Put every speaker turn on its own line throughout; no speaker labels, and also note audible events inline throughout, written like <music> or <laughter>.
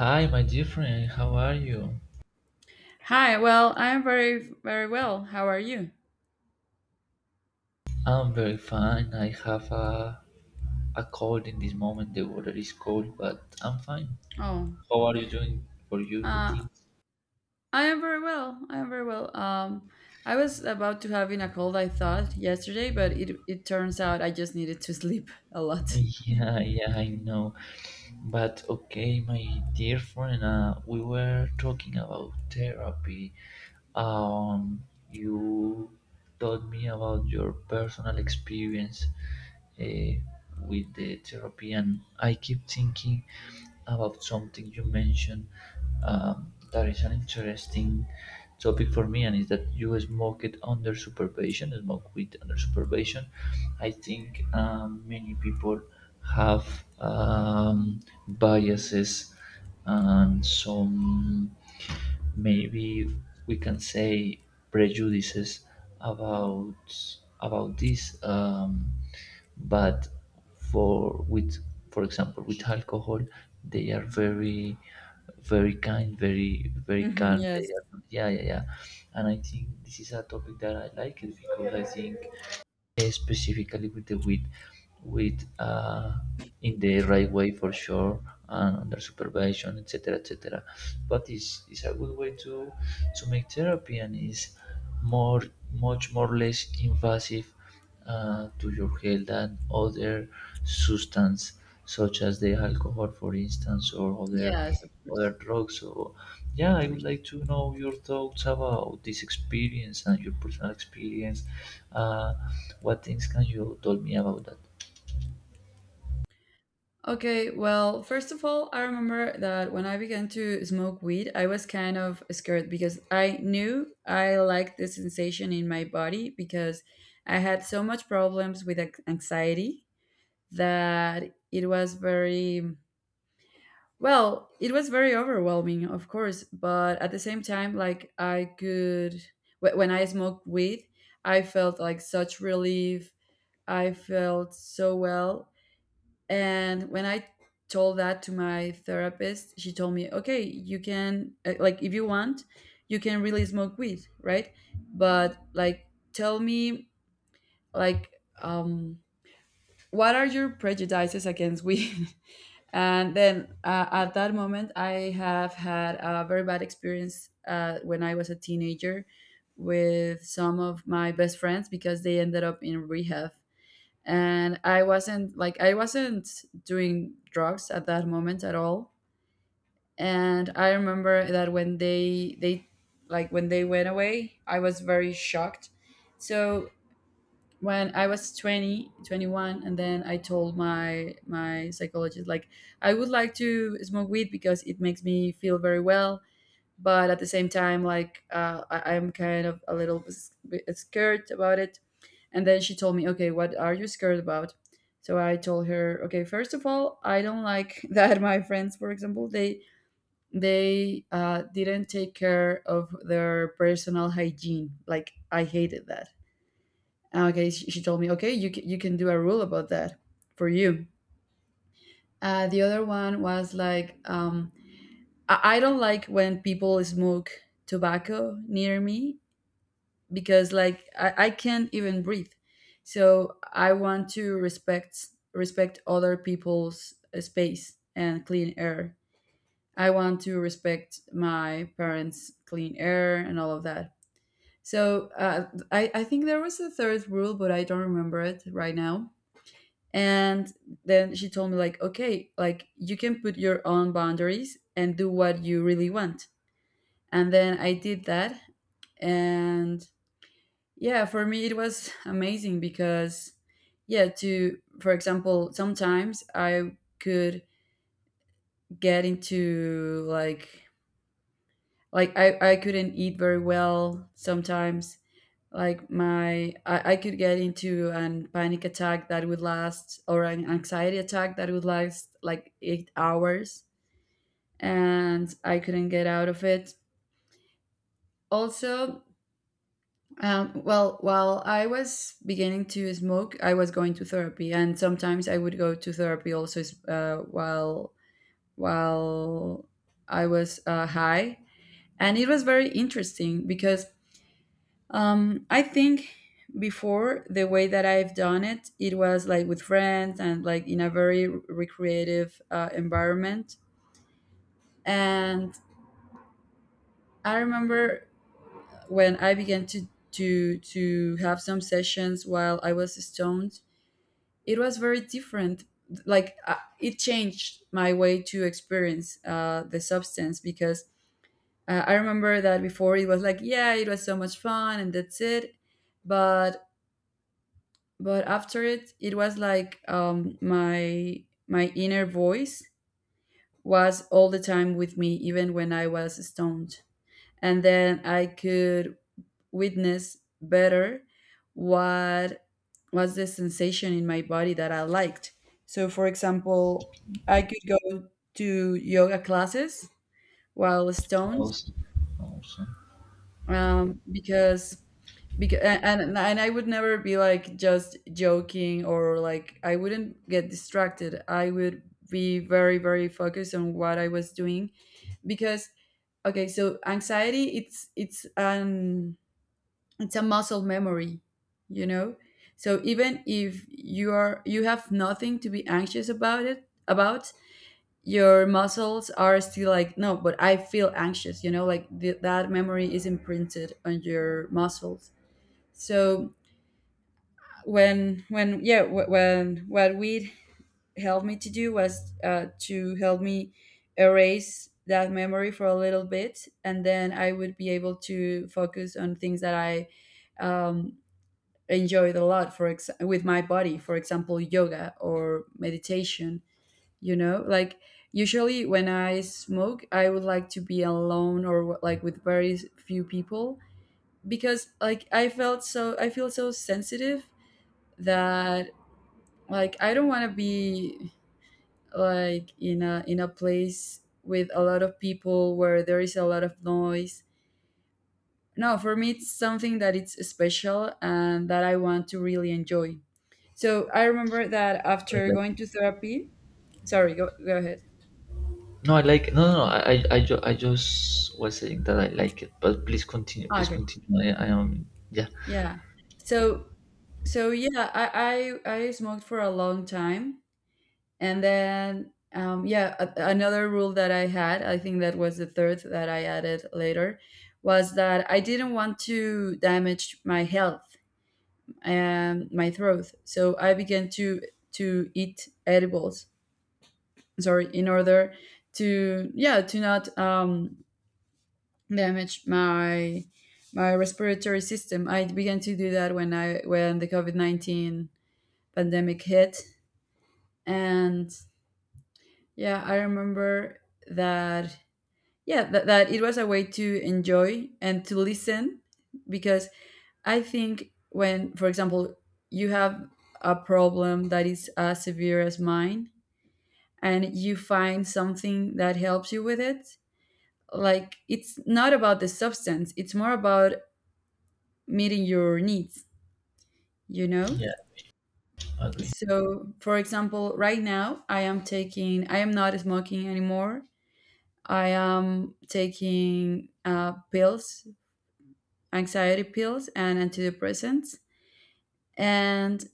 Hi, my dear friend. How are you?
Hi, well, I am very, very well. How are you?
I'm very fine. I have a cold in this moment. The water is cold, but I'm fine.
Oh,
How are you doing for you, the
uh,
things?
I am very well. I am very well. I was about to having a cold, I thought, yesterday, but it turns out I just needed to <laughs> sleep a lot.
Yeah, yeah, I know. But okay, my dear friend, we were talking about therapy. Um, you told me about your personal experience uh, with the therapy, and I keep thinking about something you mentioned that is an interesting topic for me, and is that you smoke it under supervision, smoke weed under supervision. I think many people have biases and some maybe we can say prejudices about about this but for with for example with alcohol they are very very kind, very very
Mhm,
calm, they
yes.
are, yeah, yeah, yeah. And I think this is a topic that I like it because I think specifically with the wheat with in the right way for sure and under supervision, etc., etc. But it's a good way to make therapy and is more much more less invasive to your health than other substance such as the alcohol for instance or other
Yes, of
other
course.
drugs. So, yeah,
Of
I would
course.
like to know your thoughts about this experience and your personal experience. Uh, what things can you tell me about that?
Okay, well, first of all, I remember that when I began to smoke weed, I was kind of scared because I knew I liked the sensation in my body because I had so much problems with anxiety that it was very well, it was very overwhelming, of course, but at the same time, like, I could when I smoked weed, I felt like such relief, I felt so well. And when I told that to my therapist, she told me, okay, you can, like, if you want, you can really smoke weed, right? But, like, tell me, like, um what are your prejudices against weed? <laughs> And then at that moment, I have had a very bad experience when I was a teenager with some of my best friends because they ended up in rehab. And I wasn't like, I wasn't doing drugs at that moment at all. And I remember that when like, when they went away, I was very shocked. So when I was 20, 21, and then I told my psychologist, like, I would like to smoke weed because it makes me feel very well, but at the same time, like, I'm kind of a little bit scared about it. And then she told me, okay, what are you scared about? So I told her, okay, first of all, I don't like <laughs> that my friends, for example, they didn't take care of their personal hygiene. Like, I hated that. Okay, she told me, okay, you can do a rule about that for you. The other one was like, I don't like when people smoke tobacco near me because, like, I can't even breathe. So I want to respect other people's space and clean air. I want to respect my parents' clean air and all of that. So I think there was a third rule, but I don't remember it right now. And then she told me, like, okay, like, you can put your own boundaries and do what you really want. And then I did that. And yeah, for me it was amazing because, yeah, to, for example, sometimes I could get into, like, I couldn't eat very well sometimes, like my, I could get into an panic attack that would last, or an anxiety attack that would last like 8 hours, and I couldn't get out of it. Also, well, while I was beginning to smoke, I was going to therapy, and sometimes I would go to therapy also uh, while while I was high, and it was very interesting because, I think, before, the way that I've done it, it was like with friends and like in a very recreative environment. And I remember, when I began to have some sessions while I was stoned, it was very different. Like, it changed my way to experience the substance because, I remember that before it was like, yeah, it was so much fun and that's it. But but after it, it was like, my, my inner voice was all the time with me, even when I was stoned. And then I could witness better what was the sensation in my body that I liked. So, for example, I could go to yoga classes while stoned,
Awesome. Awesome.
because, and I would never be like just joking, or like, I wouldn't get distracted. I would be very focused on what I was doing. Because, okay, so anxiety, it's it's a muscle memory, you know? So, even if you are, you have nothing to be anxious about, it about your muscles are still like, no, but I feel anxious, you know, like, that memory is imprinted on your muscles. So, when yeah wh- when what weed helped me to do was, to help me erase that memory for a little bit, and then I would be able to focus on things that I, um, enjoyed a lot, with my body, for example, yoga or meditation. You know, like, usually when I smoke, I would like to be alone, or like, with very few people, because, like, I feel so sensitive that, like, I don't want to be like in a, in a place with a lot of people where there is a lot of noise. No, for me it's something that, it's special, and that I want to really enjoy. So I remember that
I
after
like
going
it.
to therapy, sorry, go ahead.
No, I like it. No, no, no. I just was saying that I like it, but please continue. Please
Okay,
continue. I am, yeah,
yeah, so, so yeah, I smoked for a long time. And then, yeah, another rule that I had, I think that was the third that I added later, was that I didn't want to damage my health and my throat. So I began to eat edibles. Sorry, in order to, yeah, to not damage my respiratory system. I began to do that when I when the COVID 19 pandemic hit, and, yeah, I remember that, yeah, that it was a way to enjoy and to listen. Because, I think, when, for example, you have a problem that is as severe as mine, and you find something that helps you with it, like, it's not about the substance, it's more about meeting your needs, you know?
yeah, okay,
So, for example, right now I am not smoking anymore, I am taking pills, anxiety pills and antidepressants. And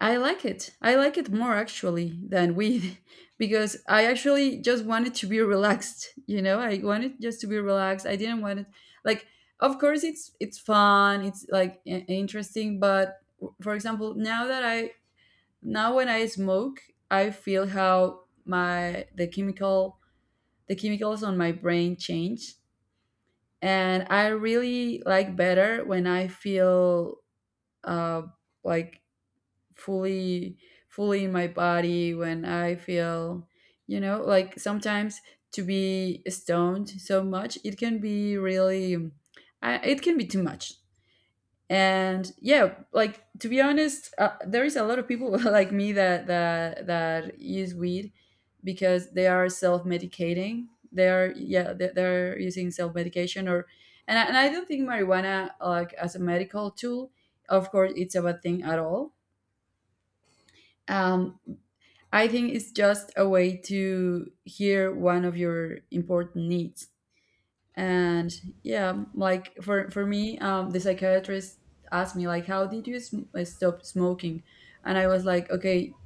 I like it. I like it more actually than weed <laughs> because I actually just wanted to be relaxed, you know? I wanted just to be relaxed. I didn't want it, like, of course it's fun, it's like, interesting, but, for example, now that I now when I smoke, I feel how my the chemical the chemicals on my brain change, and I really like better when I feel, uh, like, fully fully in my body, when I feel, you know, like sometimes to be stoned so much, it can be really, I, it can be too much. And yeah, like, to be honest, there is a lot of people <laughs> like me, that use weed because they are self-medicating, they are, yeah, they're using self-medication. Or, and I don't think marijuana, like, as a medical tool, of course, it's a bad thing at all. um, I think it's just a way to hear one of your important needs. And, yeah, like, for me, the psychiatrist asked me, like, how did you stop smoking? And I was like, okay,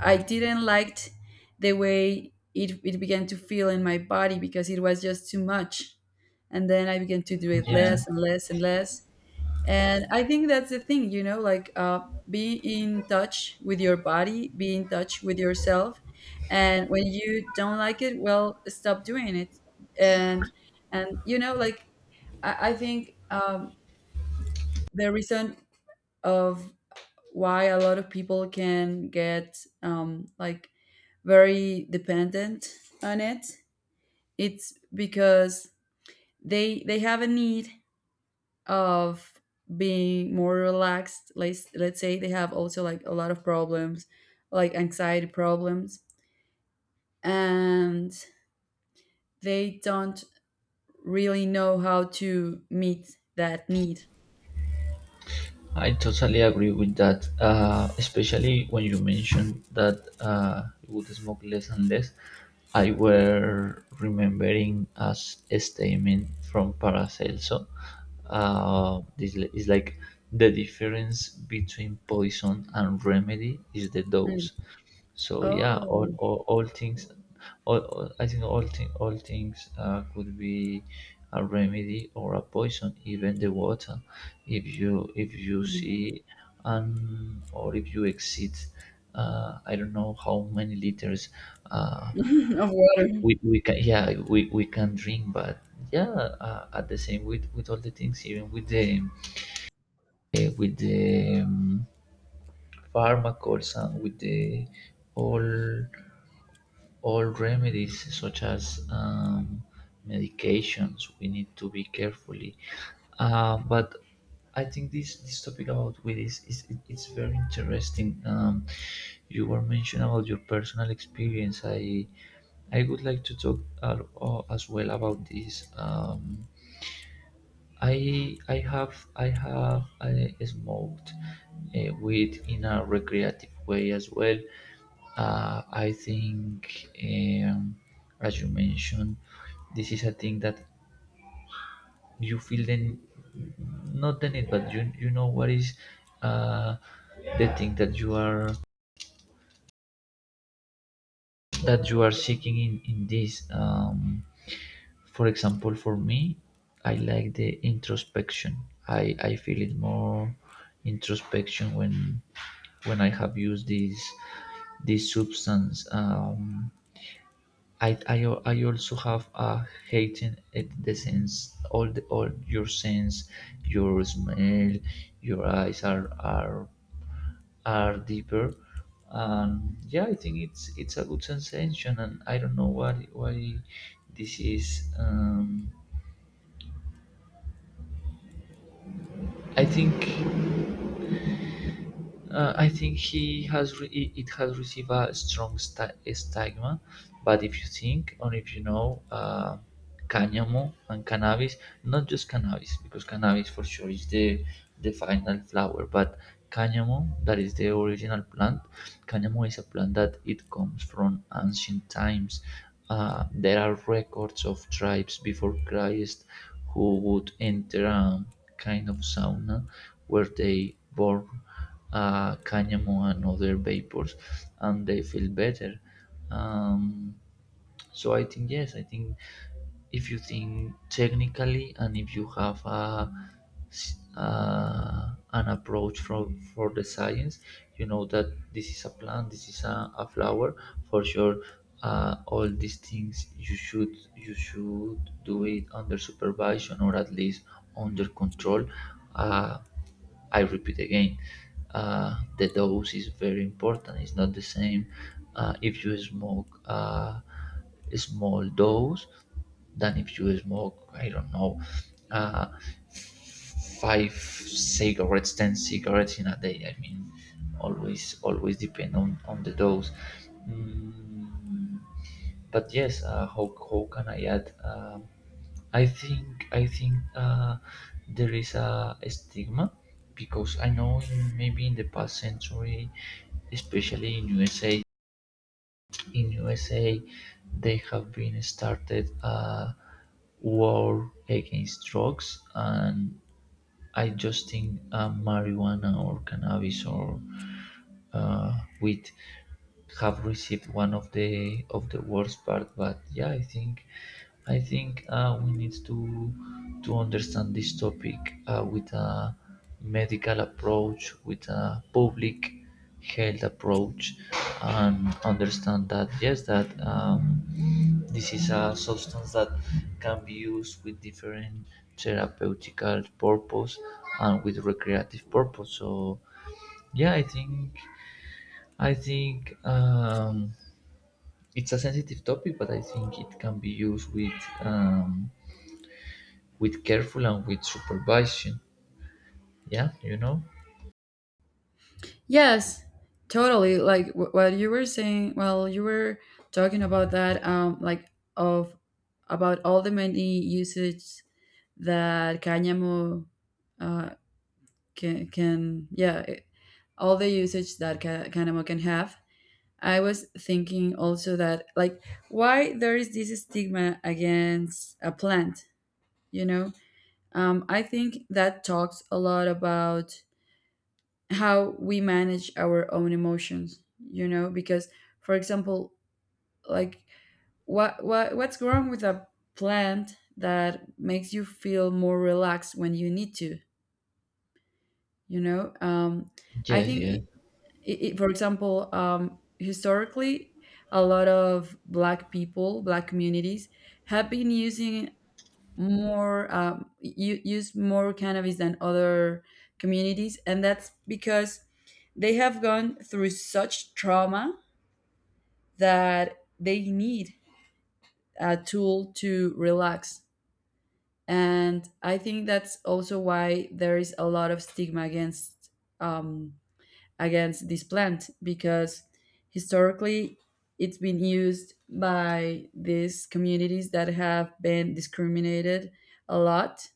I didn't liked the way it began to feel in my body, because it was just too much. And then I began to do it
yeah.
less and less and less. And I think that's the thing, you know, like, be in touch with your body, be in touch with yourself. And when you don't like it, well, stop doing it. and and you know, like, I think, the reason of why a lot of people can get, like, very dependent on it, it's because they have a need of being more relaxed, let's say, they have also like a lot of problems, like anxiety problems, and they don't really know how to meet that need.
I totally agree with that, especially when you mentioned that you would smoke less and less. I were remembering as a statement from Paracelso. Is like the difference between poison and remedy is the
Mm.
dose. So yeah, all
Oh.
all, all things, all- I think all thing, all things could be a remedy or a poison, even the water, if you
Mm.
see or if you exceed, I don't know how many liters uh,
<laughs> Of water.
we can, yeah, we can drink. But yeah, at the same with all the things, even with the pharmacals and with the all all remedies such as medications, we need to be carefully, but I think this this topic about weed is, it's very interesting. You were mentioning about your personal experience. I would like to talk as well about this. I smoked weed in a recreative way as well. I think, as you mentioned, this is a thing that you feel then not the need, but you know what is uh, the thing that you are seeking in this. For example, for me, I like the introspection. I feel it more introspection when I have used this this substance. I also have a hating at the sense, all the all your sense, your smell, your eyes are are deeper. And yeah, I think it's a good sensation, and I don't know why this is. I think I think he has it has received a strong stigma, but if you think or if you know cannamo and cannabis, not just cannabis because cannabis for sure is the final flower, but cannamo that is the original plant. Cannamo is a plant that it comes from ancient times. There are records of tribes before Christ who would enter a kind of sauna where they burn canyamon and other vapors, and they feel better. Um, so I think, yes, I think if you think technically and if you have a, s- an approach from for the science, you know that this is a plant, this is a flower. For sure, all these things you should do it under supervision or at least under control. Uh, I repeat again, the dose is very important. It's not the same if you smoke. Small dose than if you smoke, I don't know, uh, five cigarettes, ten cigarettes in a day. I mean, always, always depend on the dose. Mm, but yes, how can I add? I think I think there is a stigma because I know in, maybe in the past century, especially in USA, in USA they have been started a war against drugs. And I just think marijuana or cannabis or uh, which have received one of the worst part. But yeah, I think we need to understand this topic with a medical approach, with a public health approach, and understand that, yes, that this is a substance that can be used with different therapeutical purpose and with recreative purpose. So yeah, I think it's a sensitive topic, but I think it can be used um, with careful and with supervision. Yeah, you know.
Yes, totally, like, what you were saying, well, you were talking about that, like, of, about all the many usage that cáñamo, uh, can, yeah, all the usage that cannabis can have. I was thinking also that, like, why there is this stigma against a plant, you know? I think that talks a lot about how we manage our own emotions, you know, because, for example, like, what's wrong with a plant that makes you feel more relaxed when you need to, you know? I
Yeah, yeah,
think, for example, historically, a lot of Black people, Black communities, have been using more, use more cannabis than other communities, and that's because they have gone through such trauma that they need a tool to relax. And I think that's also why there is a lot of stigma um, against this plant because historically it's been used by these communities that have been discriminated a lot.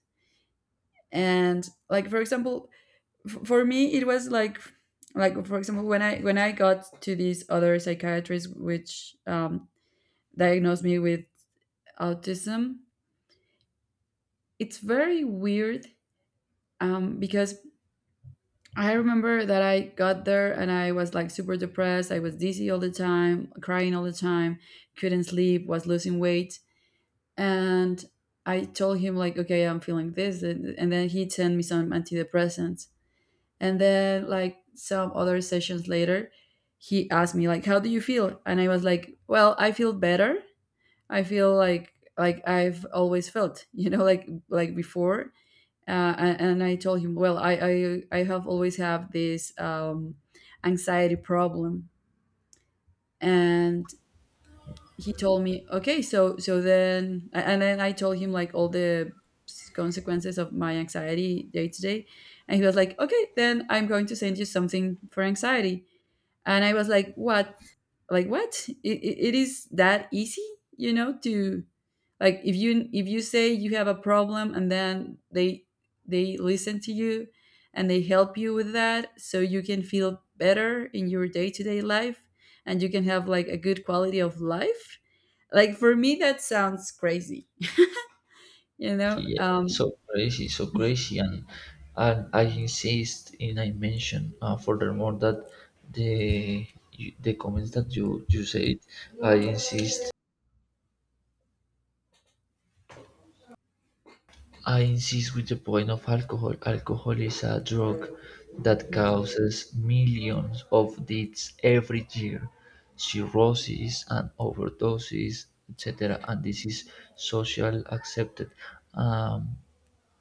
And like for example, for me it was like for example when I got to this other psychiatrist which diagnosed me with autism. It's very weird because I remember that I got there and I was like super depressed. I was dizzy all the time, crying all the time, couldn't sleep, was losing weight. And I told him like, okay, I'm feeling this, and then he sent me some antidepressants. And then like some other sessions later, he asked me like, how do you feel? And I was like, well, I feel better. I feel like I've always felt, <laughs> you know, like before and I told him, "Well, I have always have this anxiety problem," and he told me, "Okay, so then," and then I told him like all the consequences of my anxiety day to day, and he was like, "Okay, then I'm going to send you something for anxiety." And I was like, what? Like what, it is that easy, you know, to, like, if you say you have a problem and then they listen to you and they help you with that, so you can feel better in your day-to-day life and you can have like a good quality of life. Like for me that sounds crazy you know
yeah.
um
So crazy, so crazy. And I insist and I mention furthermore that the the comments that you said, I insist, I insist with the point of alcohol. Alcohol is a drug that causes millions of deaths every year, cirrhosis and overdoses, etc. And this is socially accepted. Um,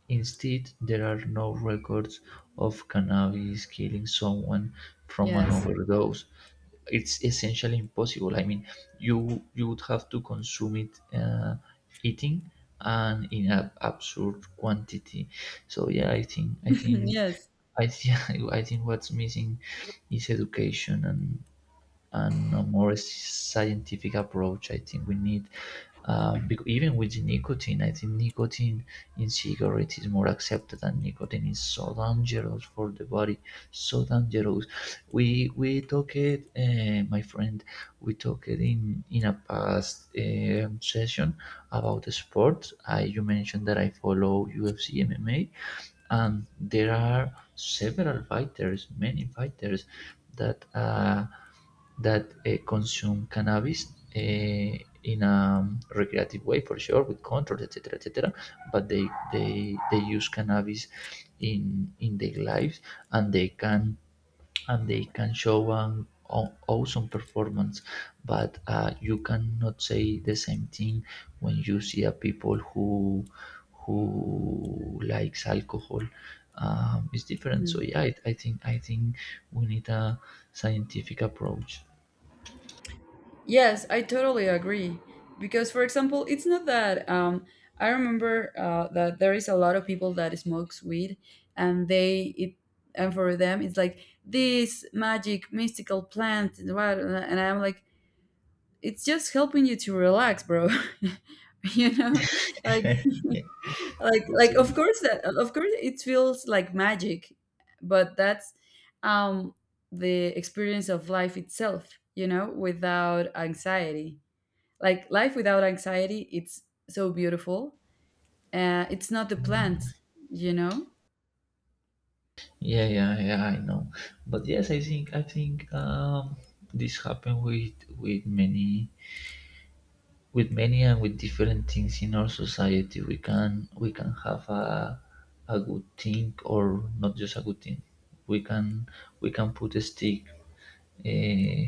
Instead, there are no records of cannabis killing someone from an
yes.
overdose. It's essentially impossible. I mean, you would have to consume it eating and in an absurd quantity. So yeah,
<laughs> Yes.
I think <laughs> I think what's missing is education and a more scientific approach. I think we need, even with the nicotine, I think nicotine in cigarettes is more accepted, and nicotine is so dangerous for the body, so dangerous. We talked, my friend, we talked in a past session about the sport. I you mentioned that I follow UFC MMA, and there are several fighters, many fighters that consume cannabis uh, in a recreative way for sure with controls, etc., etc. But they use cannabis in their lives, and they can show an awesome performance. But you cannot say the same thing when you see a people who likes alcohol. It's different. So yeah, I think we need a scientific approach.
Yes, I totally agree. Because, for example, it's not that I remember that there is a lot of people that smokes weed, and they it and for them it's like this magic mystical plant, and I'm like, it's just helping you to relax, bro. <laughs> you know,
<laughs>
like
Yeah,
like
just
like of
in-
course that of course it feels like magic, but that's um, the experience of life itself. You know, without anxiety, like life without anxiety it's so beautiful. It's not a plant you know
yeah, yeah, yeah, I know. But yes, I think this happened with many, with many and with different things in our society. We can have a good thing or not just a good thing. We can we can put a stick uh,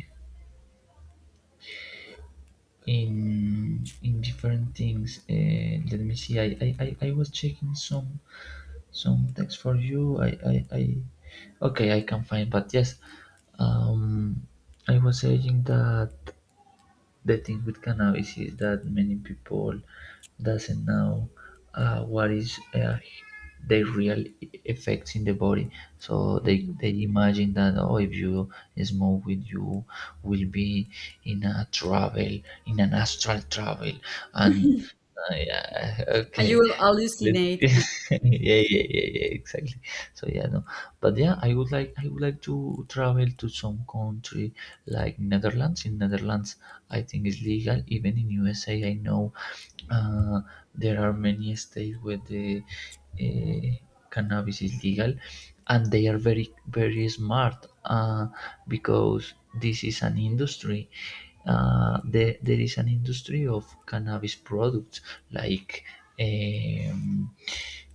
in in different things. Let me see. I was checking some text for you. I Okay, I can find, but yes, um, I was saying that the thing with cannabis is that many people doesn't know what is the real effects in the body. So
Mhm.
they imagine that, oh, if you smoke with you will be in a travel, in an astral travel, and yeah,
And you
okay.
will
Let's- <laughs>
hallucinate.
yeah, yeah, yeah, yeah, exactly. So yeah, no, but yeah, I would like to travel to some country like Netherlands. In Netherlands, I think it's legal. Even in USA, I know uh, there are many states where the uh, cannabis is legal, and they are very very smart because this is an industry. There is an industry of cannabis products like um,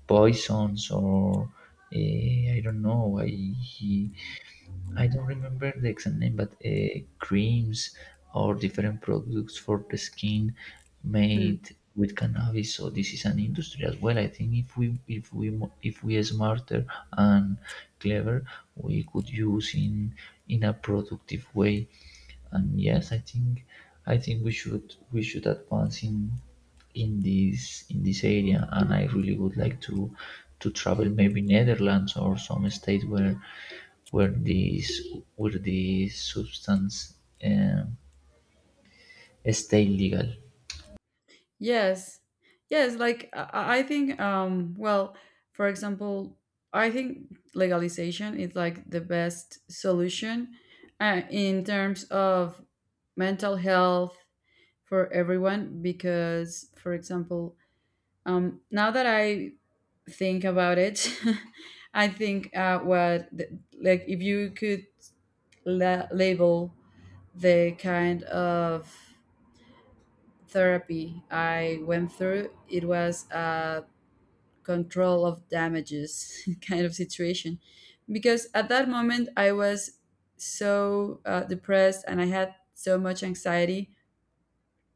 poisons or uh, I don't know, I don't remember the exact name, but creams or different products for the skin
hmm.
made with cannabis. So this is an industry as well. I think if we if we are smarter and clever, we could use in a productive way. And yes, I think we should advance in in this area. And I really would like to travel maybe Netherlands or some state where where this where this substance um, stay legal.
Yes, yes, like I think, well, for example, I think legalization is like the best solution in terms of mental health for everyone. Because, for example, now that I think about it, <laughs> I think like if you could label the kind of therapy I went through, it was a control of damages <laughs> kind of situation, because at that moment I was so depressed and I had so much anxiety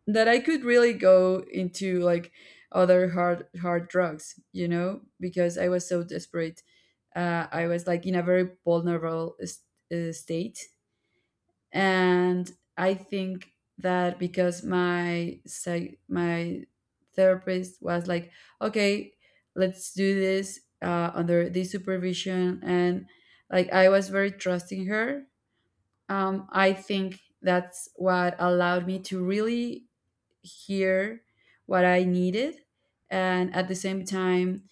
that I could really go into like other hard drugs, you know, because I was so desperate. I was like in a very vulnerable state, and I think that because my therapist was like, okay, let's do this under this supervision, and like I was very trusting her. I think that's what allowed me to really hear what I needed, and at the same time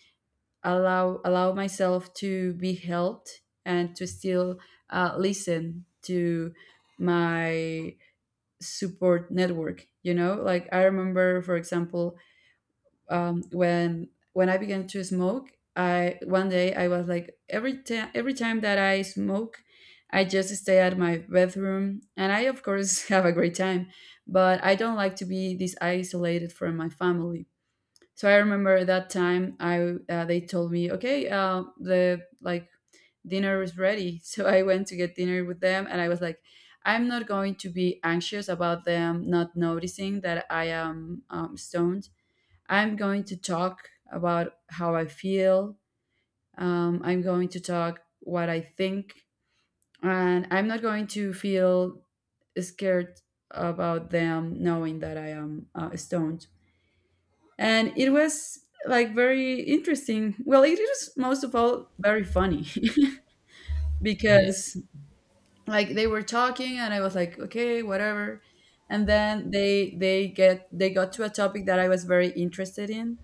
allow myself to be helped and to still listen to my support network. Like I remember, for example, when I began to smoke, I one day I was like, every time, that I smoke, I just stay at my bedroom and I of course <laughs> have a great time, but I don't like to be this isolated from my family. So I remember that time, I they told me, okay, the like dinner is ready, <laughs> so I went to get dinner with them and I was like, I'm not going to be anxious about them not noticing that I am stoned. I'm going to talk about how I feel. I'm going to talk what I think, and I'm not going to feel scared about them knowing that I am stoned. And it was like very interesting. Well, it was most of all very funny, <laughs>
Yeah,
because like they were talking and I was like, okay, whatever. And then they got to a topic that I was very interested in,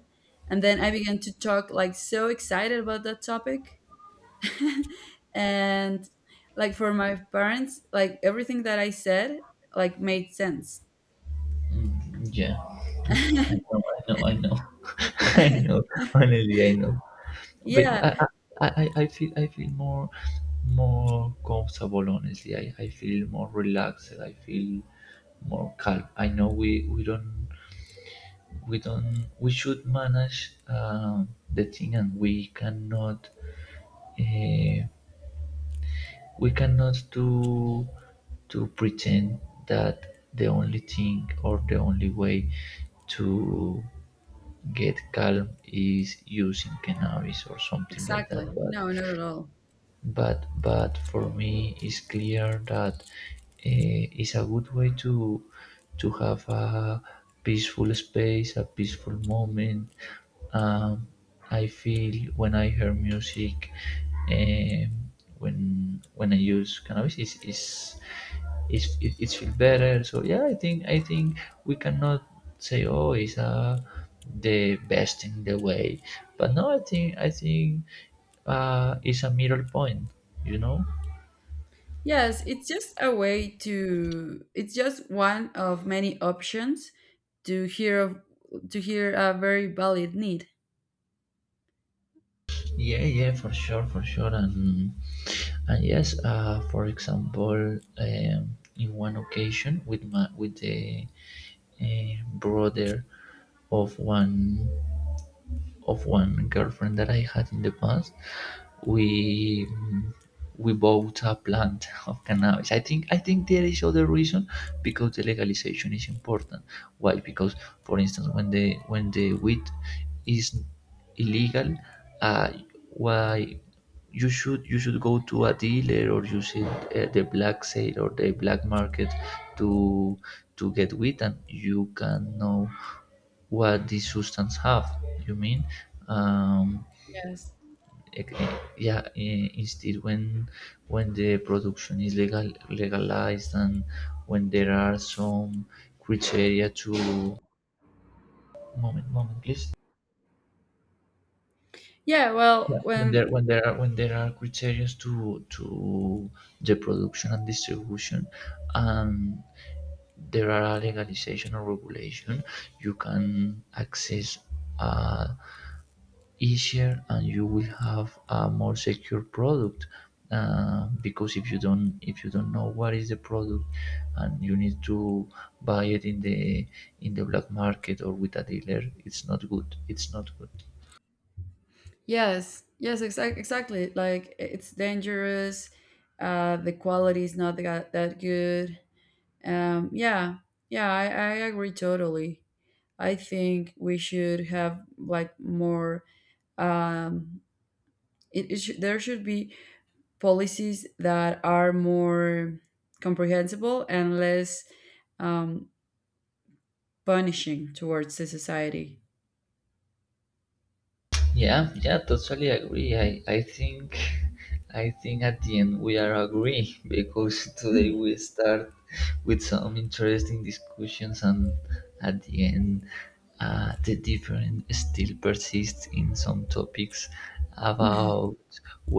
and then I began to talk like so excited about that topic, <laughs> and like for my parents, like everything that I said like made sense.
mm, yeah.
<laughs>
I know, I know, I know, <laughs> I know. Honestly, I know. But
Yeah,
I feel, I feel more more comfortable. Honestly, I feel more relaxed. I feel more calm. I know we don't we should manage the thing, and uh, we cannot do to pretend that the only thing or the only way to get calm is using cannabis or something like that.
exactly.
But
No, not at all.
for me it's clear that it's a good way to have a peaceful space, a peaceful moment. Um, I feel when I hear music, um, when I use cannabis, is it's, it feels better. So yeah, I think we cannot say, oh, it's the best in the way, but no, I think is a middle point, you know.
Yes, it's just a way to it's just one of many options to hear of to hear a very valid need.
Yeah, yeah, for sure, for sure. And yes, for example, in one occasion with my with the brother of one girlfriend that I had in the past, we we bought a plant <laughs> of cannabis. I think there is other reason because the legalization is important. Why? Because for instance, when the weed is illegal, uh, why you should go to a dealer, or you should the black sale or the black market to get weed, and you can know what these substances have. You mean? Um,
Yes.
yeah. Instead, when the production is legal legalized, and when there are some criteria to, moment, moment please,
Yeah, well, when
when there are criteria to the production and distribution, and there are legalization or regulation, you can access uh, easier, and you will have a more secure product because if you don't know what is the product and you need to buy it in the black market or with a dealer, it's not good, it's not good.
yes, yes, exactly. Like it's dangerous. The quality is not that good. Yeah. Yeah, I agree totally. I think we should have like more, um it, it should there should be policies that are more comprehensible and less um, punishing towards the society.
Yeah, yeah, totally agree. I think <laughs> I think at the end we are agree <laughs> because today we start with some interesting discussions, and at the end the difference still persists in some topics
Mm. <laughs>
about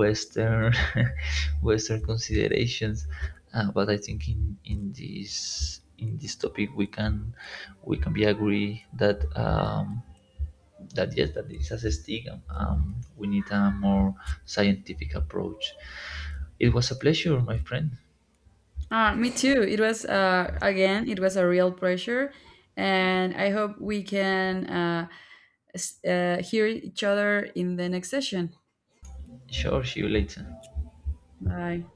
Western <laughs> Western considerations. But I think in this topic we can be agree that that, yes, that is a stigma. We need a more scientific approach. It was a pleasure, my friend.
Me too. It was Again, it was a real pressure, and I hope we can hear each other in the next session.
Sure, see you later.
Bye.